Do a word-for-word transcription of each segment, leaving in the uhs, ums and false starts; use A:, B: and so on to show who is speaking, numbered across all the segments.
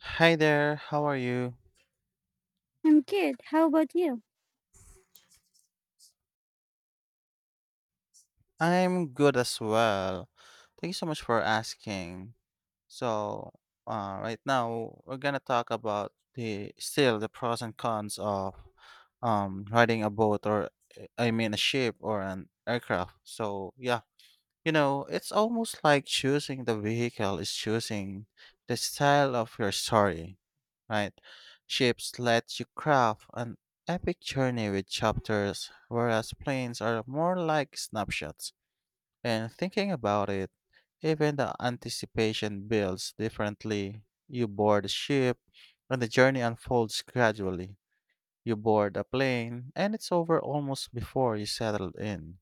A: Hi there, how are you?
B: I'm good. How about you?
A: I'm good as well. Thank you so much for asking. So, uh, right now we're gonna talk about the still the pros and cons of um riding a boat or uh, I mean a ship or an aircraft. So yeah, You know, it's almost like choosing the vehicle is choosing the style of your story, right? Ships let you craft an epic journey with chapters, whereas planes are more like snapshots. And thinking about it, even the anticipation builds differently. You board a ship, and the journey unfolds gradually. You board a plane, and it's over almost before you settle in.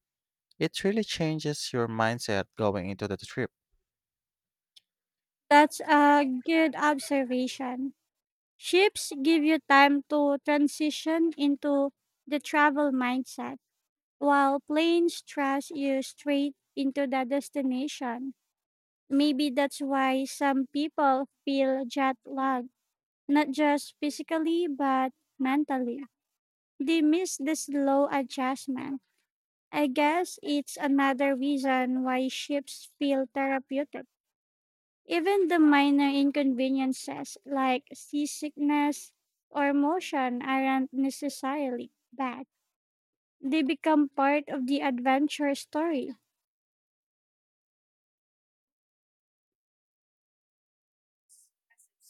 A: It really changes your mindset going into the trip.
B: That's a good observation. Ships give you time to transition into the travel mindset, while planes thrust you straight into the destination. Maybe that's why some people feel jet lag, not just physically, but mentally. They miss the slow adjustment. I guess it's another reason why ships feel therapeutic. Even the minor inconveniences like seasickness or motion aren't necessarily bad. They become part of the adventure story.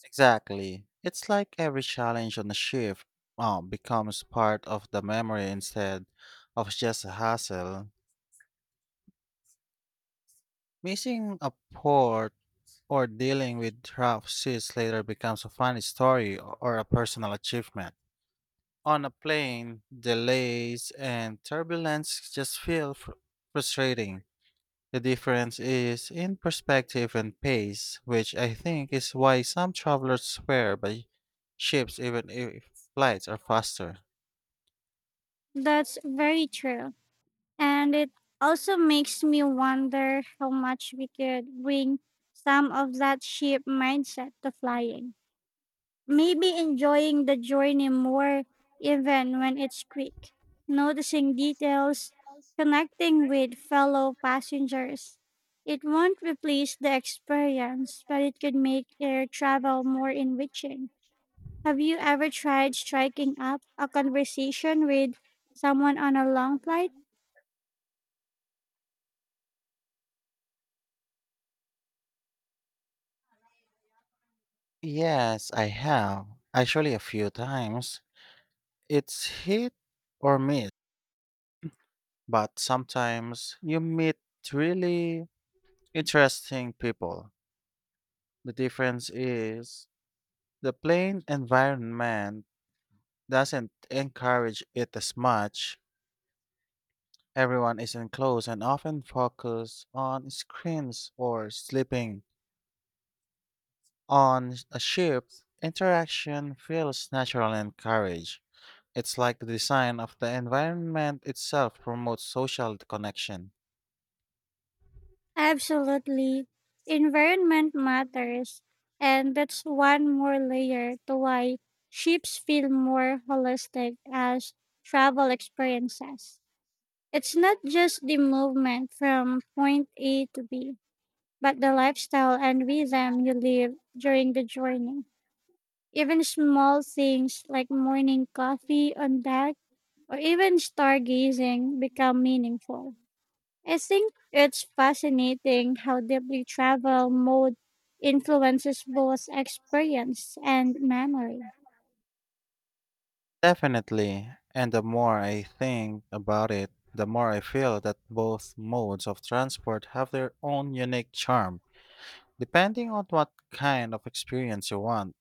A: Exactly. It's like every challenge on the shift uh, becomes part of the memory instead of just a hassle. Missing a port or dealing with rough seas later becomes a funny story or a personal achievement. On a plane, delays and turbulence just feel fr- frustrating. The difference is in perspective and pace, which I think is why some travelers swear by ships even if flights are faster.
B: That's very true. And it also makes me wonder how much we could bring some of that ship mindset to flying. Maybe enjoying the journey more even when it's quick, noticing details, connecting with fellow passengers. It won't replace the experience, but it could make air travel more enriching. Have you ever tried striking up a conversation with someone on a long flight?
A: Yes, I have. Actually, a few times. It's hit or miss, but sometimes you meet really interesting people. The difference is the plane environment doesn't encourage it as much. Everyone is enclosed and often focused on screens or sleeping. On a ship, interaction feels natural and encouraged. It's like the design of the environment itself promotes social connection.
B: Absolutely. Environment matters, and that's one more layer to why ships feel more holistic as travel experiences. It's not just the movement from point A to B, but the lifestyle and rhythm you live during the journey. Even small things like morning coffee on deck or even stargazing become meaningful. I think it's fascinating how deeply travel mode influences both experience and memory.
A: Definitely, and the more I think about it, the more I feel that both modes of transport have their own unique charm, depending on what kind of experience you want.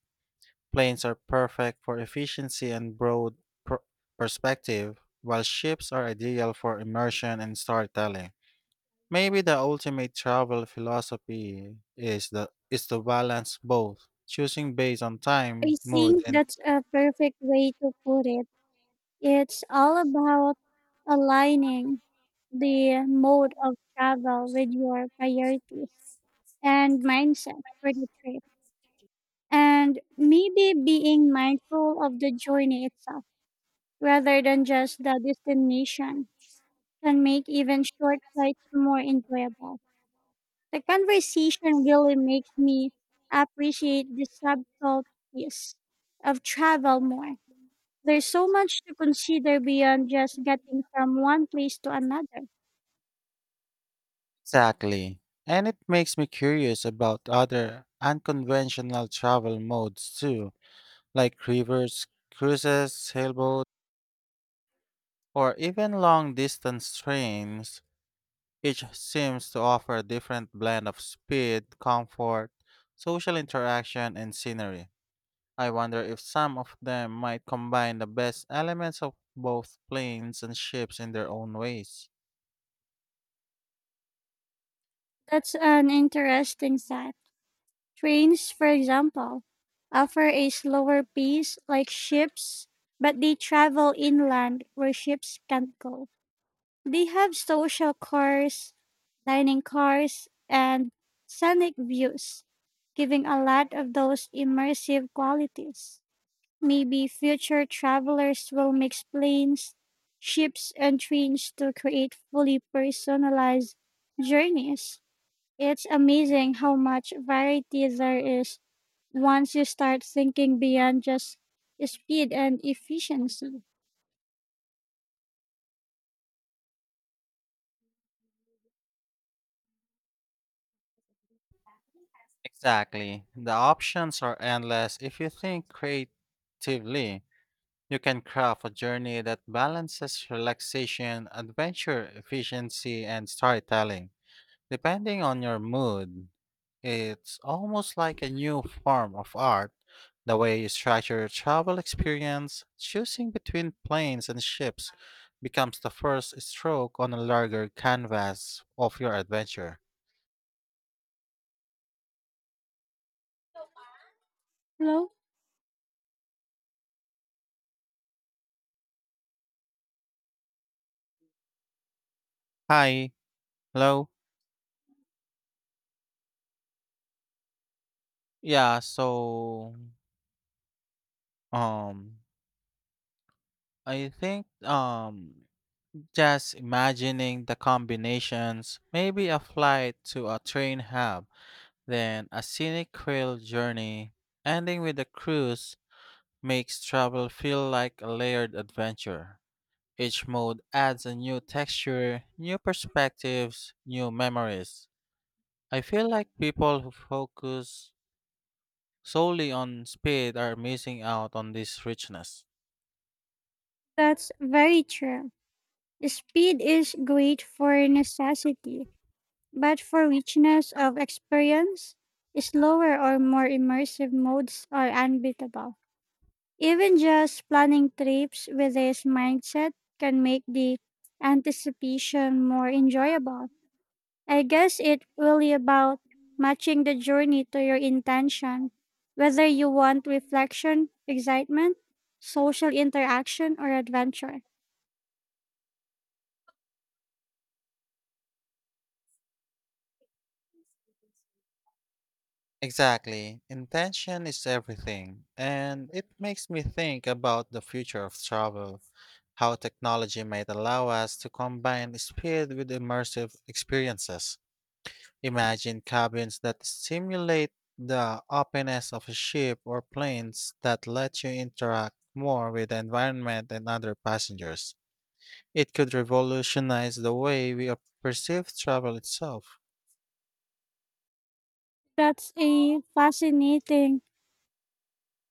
A: Planes are perfect for efficiency and broad per- perspective, while ships are ideal for immersion and storytelling. Maybe the ultimate travel philosophy is the is to balance both, choosing based on
B: I
A: time, mood,
B: think
A: and
B: that's a perfect way to put it. It's all about aligning the mode of travel with your priorities and mindset for the trip. And maybe being mindful of the journey itself rather than just the destination can make even short flights more enjoyable. The conversation really makes me appreciate the subtleties of travel more. There's so much to consider beyond just getting from one place to another.
A: exactly. And it makes me curious about other unconventional travel modes too, like rivers, cruises, sailboats, or even long distance trains. Each seems to offer a different blend of speed, comfort, social interaction, and scenery. I wonder if some of them might combine the best elements of both planes and ships in their own ways.
B: That's an interesting side. Trains, for example, offer a slower pace like ships, but they travel inland where ships can't go. They have social cars, dining cars, and scenic views, giving a lot of those immersive qualities. Maybe future travelers will mix planes, ships, and trains to create fully personalized journeys. It's amazing how much variety there is once you start thinking beyond just speed and efficiency.
A: Exactly. The options are endless if you think creatively. You can craft a journey that balances relaxation, adventure, efficiency, and storytelling. Depending on your mood, it's almost like a new form of art. The way you structure your travel experience, choosing between planes and ships, becomes the first stroke on a larger canvas of your adventure.
B: Hello?
A: Hi, hello. Yeah, so um I think um just imagining the combinations, maybe a flight to a train hub, then a scenic rail journey, ending with a cruise, makes travel feel like a layered adventure. Each mode adds a new texture, new perspectives, new memories. I feel like people who focus solely on speed are missing out on this richness.
B: That's very true. Speed is great for necessity, but for richness of experience, slower or more immersive modes are unbeatable. Even just planning trips with this mindset can make the anticipation more enjoyable. I guess it really about matching the journey to your intention, whether you want reflection, excitement, social interaction, or adventure.
A: Exactly. Intention is everything. And it makes me think about the future of travel, how technology might allow us to combine speed with immersive experiences. Imagine cabins that simulate the openness of a ship or planes that let you interact more with the environment and other passengers. It could revolutionize the way we perceive travel itself.
B: That's a fascinating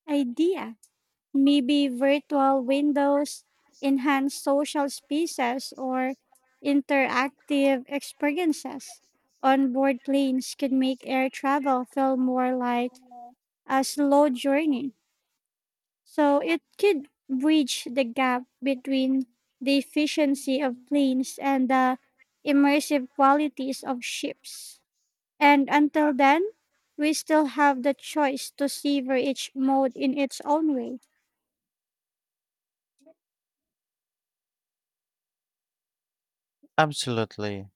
B: idea. Maybe virtual windows, enhanced social spaces, or interactive experiences. Onboard planes could make air travel feel more like a slow journey. So it could bridge the gap between the efficiency of planes and the immersive qualities of ships. And until then, we still have the choice to savor each mode in its own way.
A: Absolutely.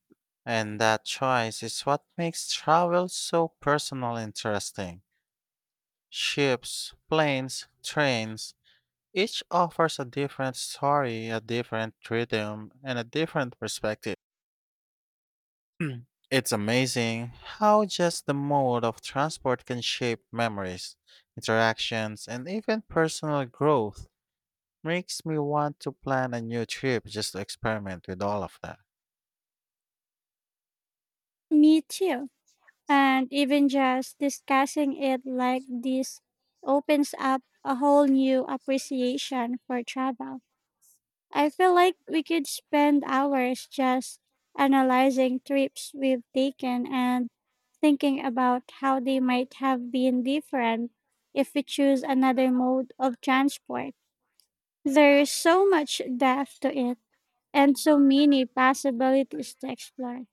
A: And that choice is what makes travel so personal and interesting. Ships, planes, trains, each offers a different story, a different rhythm, and a different perspective. It's amazing how just the mode of transport can shape memories, interactions, and even personal growth. Makes me want to plan a new trip just to experiment with all of that.
B: Me too. And even just discussing it like this opens up a whole new appreciation for travel. I feel like we could spend hours just analyzing trips we've taken and thinking about how they might have been different if we choose another mode of transport. There is so much depth to it and so many possibilities to explore.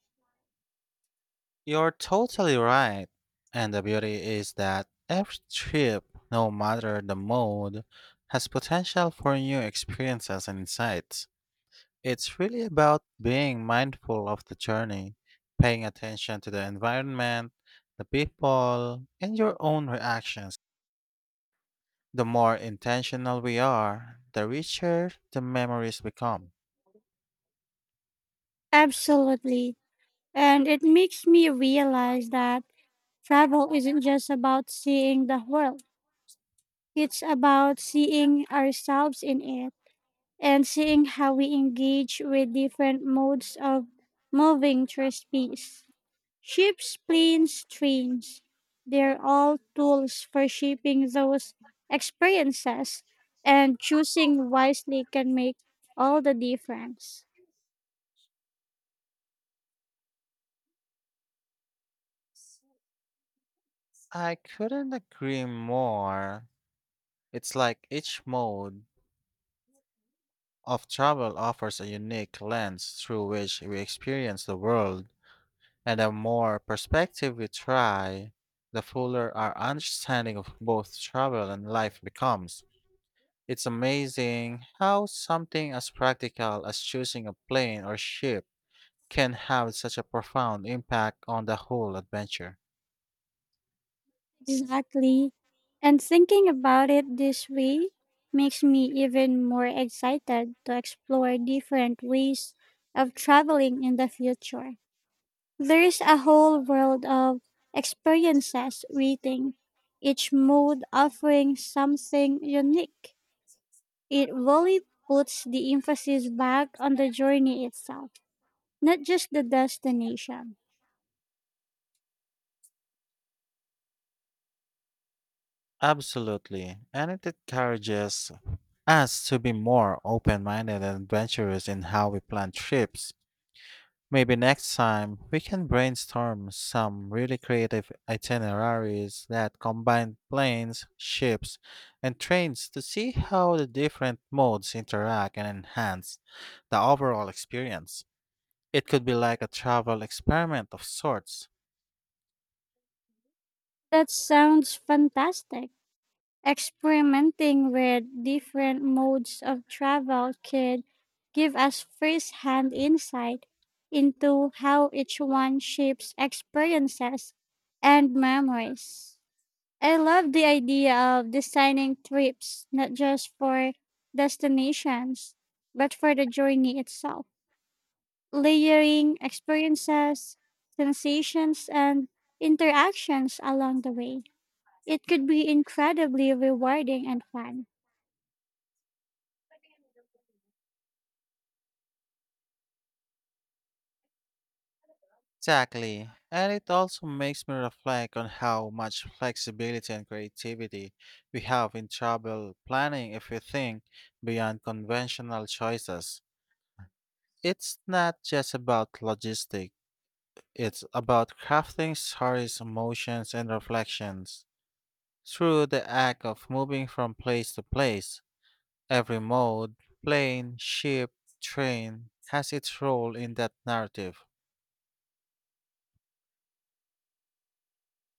A: You're totally right. And the beauty is that every trip, no matter the mode, has potential for new experiences and insights. It's really about being mindful of the journey, paying attention to the environment, the people, and your own reactions. The more intentional we are, the richer the memories become.
B: Absolutely. And it makes me realize that travel isn't just about seeing the world, it's about seeing ourselves in it and seeing how we engage with different modes of moving through space. Ships, planes, trains, they're all tools for shaping those experiences, and choosing wisely can make all the difference.
A: I couldn't agree more. It's like each mode of travel offers a unique lens through which we experience the world, and the more perspective we try, the fuller our understanding of both travel and life becomes. It's amazing how something as practical as choosing a plane or ship can have such a profound impact on the whole adventure.
B: Exactly. And thinking about it this way makes me even more excited to explore different ways of traveling in the future. There is a whole world of experiences waiting, each mode offering something unique. It really puts the emphasis back on the journey itself, not just the destination.
A: Absolutely, and it encourages us to be more open minded and adventurous in how we plan trips. Maybe next time we can brainstorm some really creative itineraries that combine planes, ships, and trains to see how the different modes interact and enhance the overall experience. It could be like a travel experiment of sorts.
B: That sounds fantastic. Experimenting with different modes of travel could give us first hand insight into how each one shapes experiences and memories. I love the idea of designing trips not just for destinations, but for the journey itself, layering experiences, sensations, and interactions along the way. It could be incredibly rewarding and fun.
A: Exactly. And it also makes me reflect on how much flexibility and creativity we have in travel planning if we think beyond conventional choices. It's not just about logistic, it's about crafting stories, emotions, and reflections. Through the act of moving from place to place, every mode, plane, ship, train, has its role in that narrative.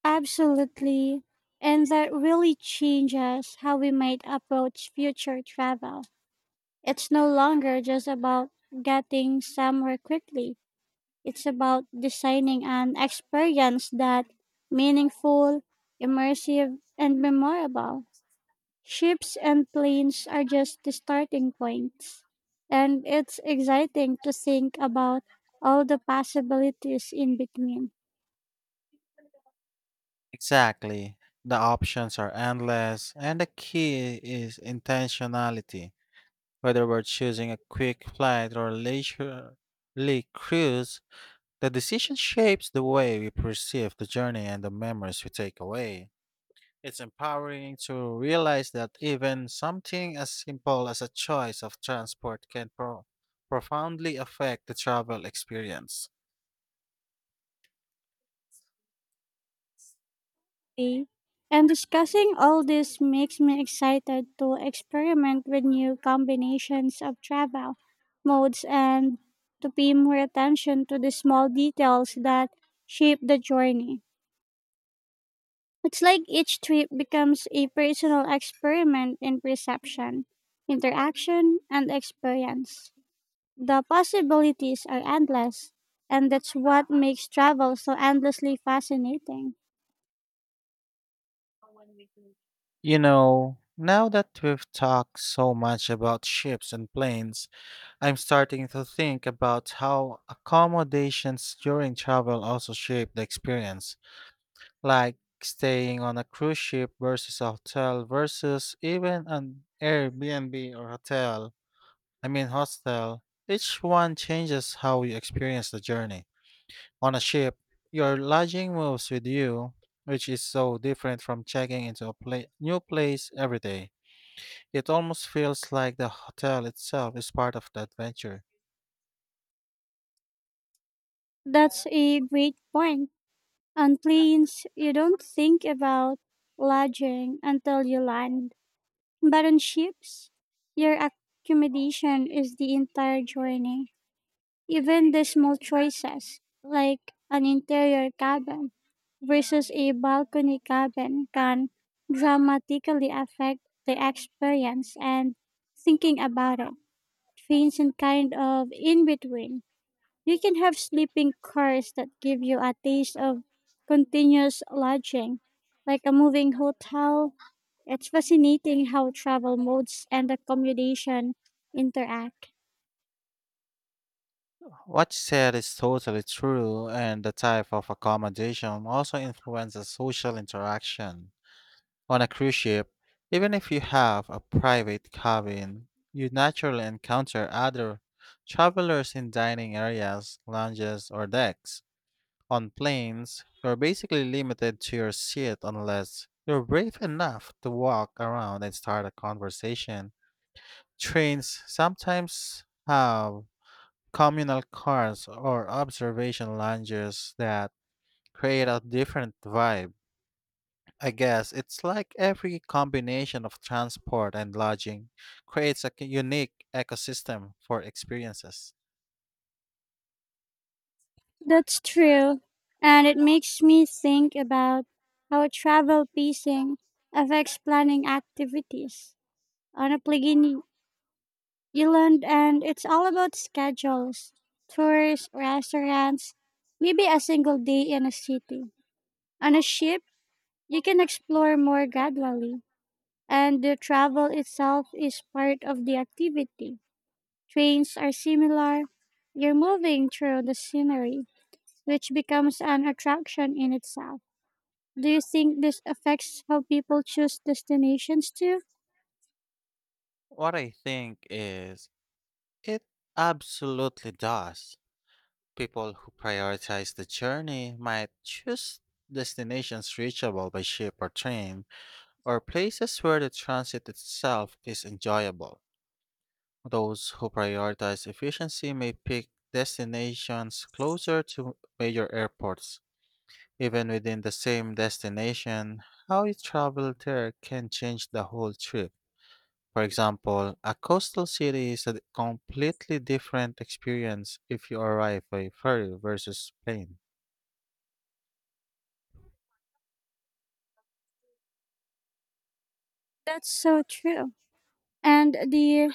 B: Absolutely. And that really changes how we might approach future travel. It's no longer just about getting somewhere quickly. It's about designing an experience that meaningful, immersive, and memorable. Ships and planes are just the starting points. And it's exciting to think about all the possibilities in between.
A: Exactly. The options are endless, and the key is intentionality. Whether we're choosing a quick flight or a leisurely cruise, the decision shapes the way we perceive the journey and the memories we take away. It's empowering to realize that even something as simple as a choice of transport can pro- profoundly affect the travel experience.
B: Be. And discussing all this makes me excited to experiment with new combinations of travel modes and to pay more attention to the small details that shape the journey. It's like each trip becomes a personal experiment in perception, interaction, and experience. The possibilities are endless, and that's what makes travel so endlessly fascinating.
A: You know, now that we've talked so much about ships and planes, I'm starting to think about how accommodations during travel also shape the experience, like staying on a cruise ship versus a hotel versus even an Airbnb or hotel. I mean, hostel. Each one changes how you experience the journey. On a ship, your lodging moves with you, which is so different from checking into a pla- new place every day. It almost feels like the hotel itself is part of the adventure.
B: That's a great point. On planes, you don't think about lodging until you land, but on ships, your accommodation is the entire journey. Even the small choices, like an interior cabin versus a balcony cabin, can dramatically affect the experience. And thinking about it, trains in kind of in between. You can have sleeping cars that give you a taste of continuous lodging, like a moving hotel. It's fascinating how travel modes and accommodation interact.
A: What you said is totally true, and the type of accommodation also influences social interaction. On a cruise ship, even if you have a private cabin, you naturally encounter other travelers in dining areas, lounges, or decks. On planes, you're basically limited to your seat unless you're brave enough to walk around and start a conversation. Trains sometimes have communal cars or observation lounges that create a different vibe. I guess it's like every combination of transport and lodging creates a c- unique ecosystem for experiences.
B: That's true. And it makes me think about how travel pacing affects planning activities. On a Plegini Island, and it's all about schedules, tours, restaurants, maybe a single day in a city. On a ship, you can explore more gradually, and the travel itself is part of the activity. Trains are similar. You're moving through the scenery, which becomes an attraction in itself. Do you think this affects how people choose destinations too?
A: What I think is, it absolutely does. People who prioritize the journey might choose destinations reachable by ship or train, or places where the transit itself is enjoyable. Those who prioritize efficiency may pick destinations closer to major airports. Even within the same destination, how you travel there can change the whole trip. For example, a coastal city is a completely different experience if you arrive by ferry versus plane.
B: That's so true. And the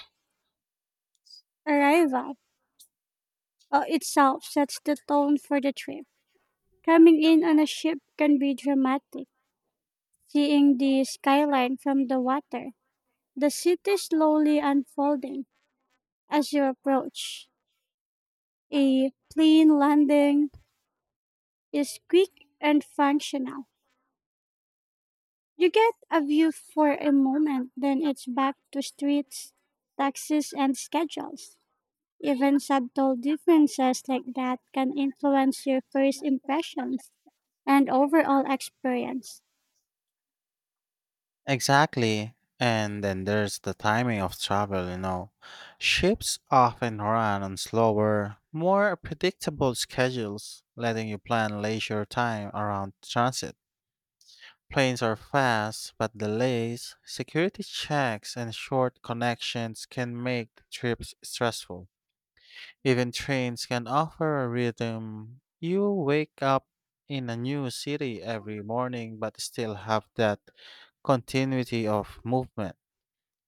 B: arrival uh, itself sets the tone for the trip. Coming in on a ship can be dramatic, seeing the skyline from the water, the city slowly unfolding as you approach. A plane landing is quick and functional. You get a view for a moment, then it's back to streets, taxis, and schedules. Even subtle differences like that can influence your first impressions and overall experience.
A: Exactly. And then there's the timing of travel, you know. Ships often run on slower, more predictable schedules, letting you plan leisure time around transit. Planes are fast, but delays, security checks, and short connections can make the trips stressful. Even trains can offer a rhythm. You wake up in a new city every morning, but still have that continuity of movement.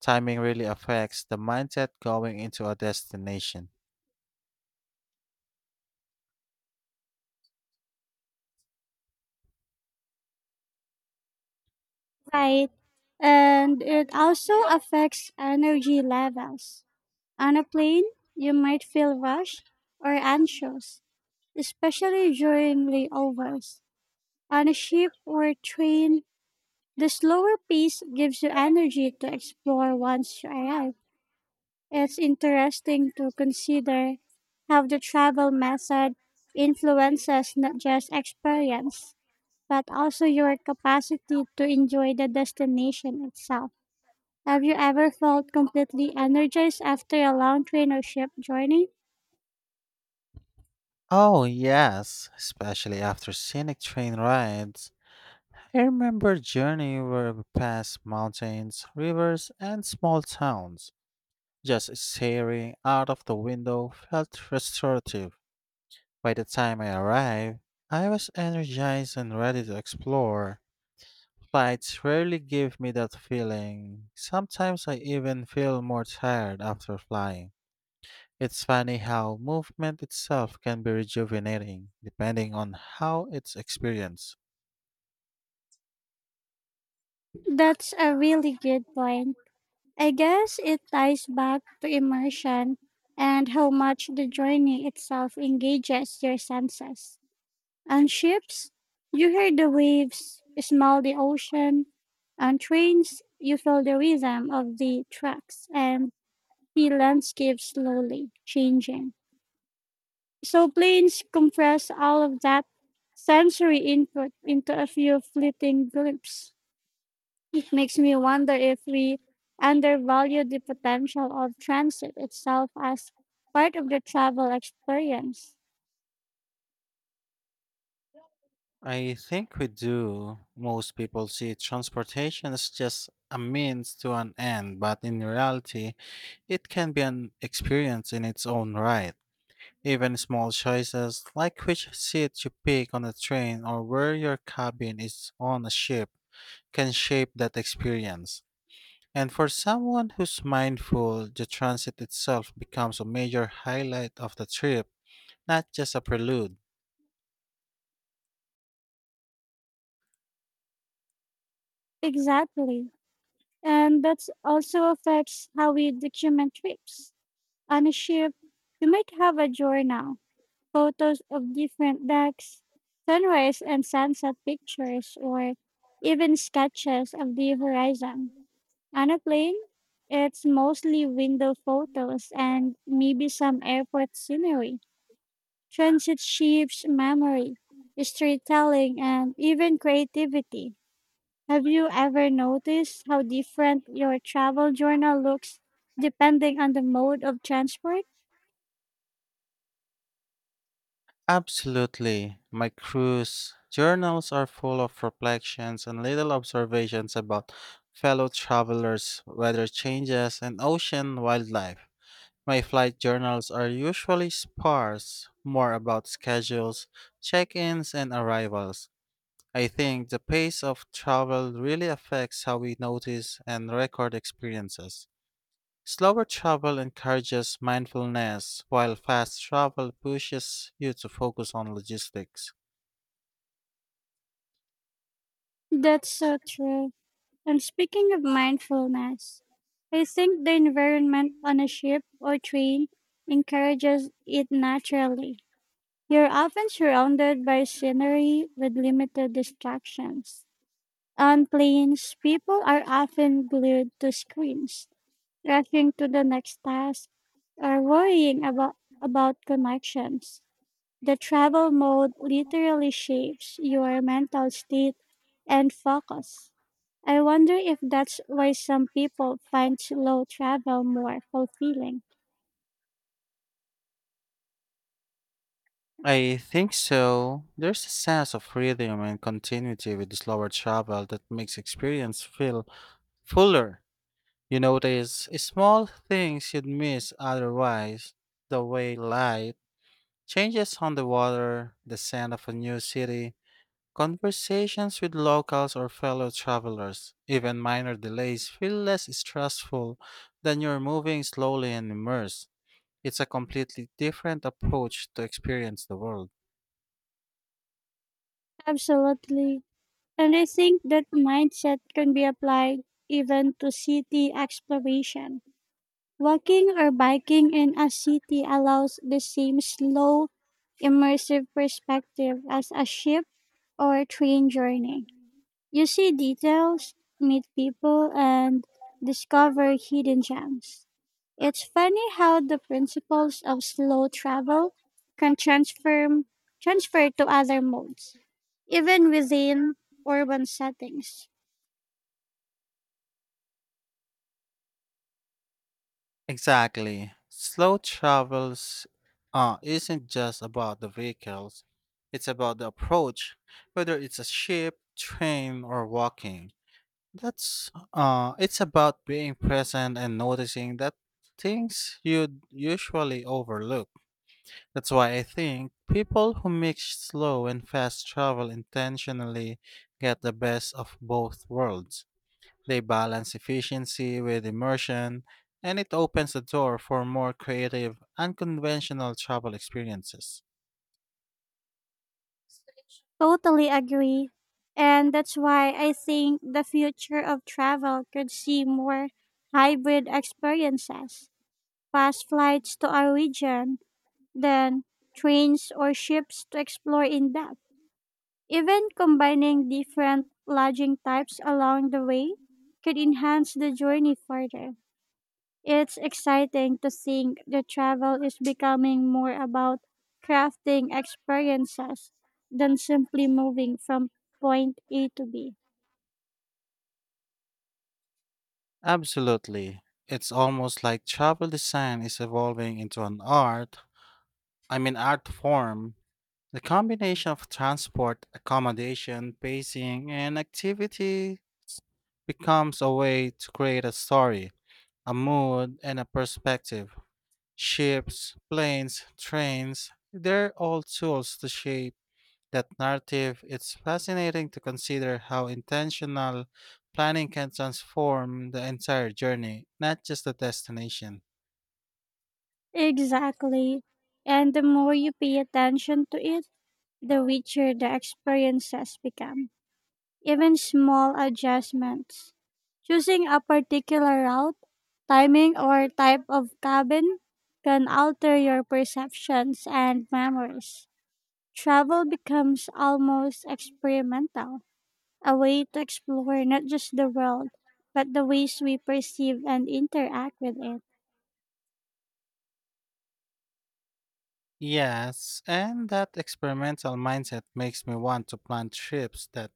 A: Timing really affects the mindset going into a destination.
B: Right. And it also affects energy levels. On a plane, you might feel rushed or anxious, especially during layovers. On a ship or a train, the slower pace gives you energy to explore once you arrive. It's interesting to consider how the travel method influences not just experience, but also your capacity to enjoy the destination itself. Have you ever felt completely energized after a long train or ship journey?
A: Oh, yes, especially after scenic train rides. I remember journey were past mountains, rivers, and small towns. Just staring out of the window felt restorative. By the time I arrived, I was energized and ready to explore. Flights rarely give me that feeling. Sometimes I even feel more tired after flying. It's funny how movement itself can be rejuvenating, depending on how it's experienced.
B: That's a really good point. I guess it ties back to immersion and how much the journey itself engages your senses. On ships, you hear the waves, smell the ocean. On trains, you feel the rhythm of the tracks and see landscapes slowly changing. So planes compress all of that sensory input into a few fleeting glimpses. It makes me wonder if we undervalue the potential of transit itself as part of the travel experience.
A: I think we do. Most people see transportation as just a means to an end, but in reality, it can be an experience in its own right. Even small choices like which seat you pick on a train or where your cabin is on a ship can shape that experience. And for someone who's mindful, the transit itself becomes a major highlight of the trip, not just a prelude.
B: Exactly. And that also affects how we document trips. On a ship, you might have a journal, photos of different decks, sunrise and sunset pictures, or even sketches of the horizon. On a plane, it's mostly window photos and maybe some airport scenery, transit ships, memory, storytelling, and even creativity. Have you ever noticed how different your travel journal looks depending on the mode of transport?
A: Absolutely. My cruise journals are full of reflections and little observations about fellow travelers, weather changes, and ocean wildlife. My flight journals are usually sparse, more about schedules, check ins, and arrivals. I think the pace of travel really affects how we notice and record experiences. Slower travel encourages mindfulness, while fast travel pushes you to focus on logistics.
B: That's so true. And speaking of mindfulness, I think the environment on a ship or train encourages it naturally. You're often surrounded by scenery with limited distractions. On planes, people are often glued to screens rushing to the next task, or worrying about, about connections. The travel mode literally shapes your mental state and focus. I wonder if that's why some people find slow travel more fulfilling.
A: I think so. There's a sense of rhythm and continuity with slower travel that makes experience feel fuller. You notice small things you'd miss otherwise, the way light changes on the water, the scent of a new city, conversations with locals or fellow travelers, even minor delays, feel less stressful than you're moving slowly and immersed. It's a completely different approach to experience the world.
B: Absolutely. And I think that mindset can be applied even to city exploration. Walking or biking in a city allows the same slow, immersive perspective as a ship or train journey. You see details, meet people, and discover hidden gems. It's funny how the principles of slow travel can transfer transfer to other modes, even within urban settings.
A: Exactly. Slow travels uh, isn't just about the vehicles, it's about the approach, whether it's a ship, train, or walking. That's uh, it's about being present and noticing that things you'd usually overlook. That's why I think people who mix slow and fast travel intentionally get the best of both worlds. They balance efficiency with immersion, and it opens the door for more creative, unconventional travel experiences.
B: Totally agree. And that's why I think the future of travel could see more hybrid experiences, fast flights to our region, then trains or ships to explore in depth. Even combining different lodging types along the way could enhance the journey further. It's exciting to think the travel is becoming more about crafting experiences than simply moving from point A to B.
A: Absolutely. It's almost like travel design is evolving into an art, I mean, art form. The combination of transport, accommodation, pacing, and activity becomes a way to create a story, a mood, and a perspective. Ships, planes, trains, they're all tools to shape that narrative. It's fascinating to consider how intentional planning can transform the entire journey, not just the destination.
B: Exactly. And the more you pay attention to it, the richer the experiences become. Even small adjustments. Choosing a particular route, timing, or type of cabin can alter your perceptions and memories. Travel becomes almost experimental, a way to explore not just the world, but the ways we perceive and interact with it.
A: Yes, and that experimental mindset makes me want to plan trips that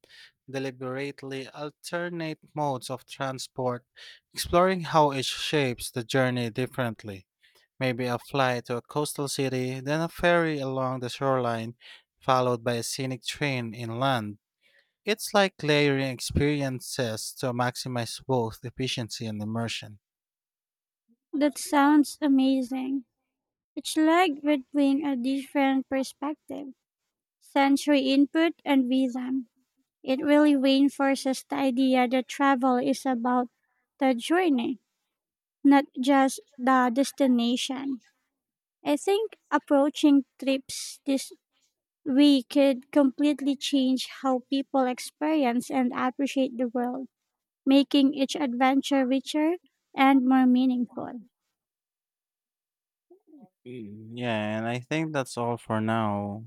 A: deliberately alternate modes of transport, exploring how it shapes the journey differently. Maybe a flight to a coastal city, then a ferry along the shoreline, followed by a scenic train inland. It's like layering experiences to maximize both efficiency and immersion.
B: That sounds amazing. It's like we're doing a different perspective, sensory input and vision. It really reinforces the idea that travel is about the journey, not just the destination. I think approaching trips this we could completely change how people experience and appreciate the world, making each adventure richer and more meaningful.
A: Mm, yeah, and I think that's all for now.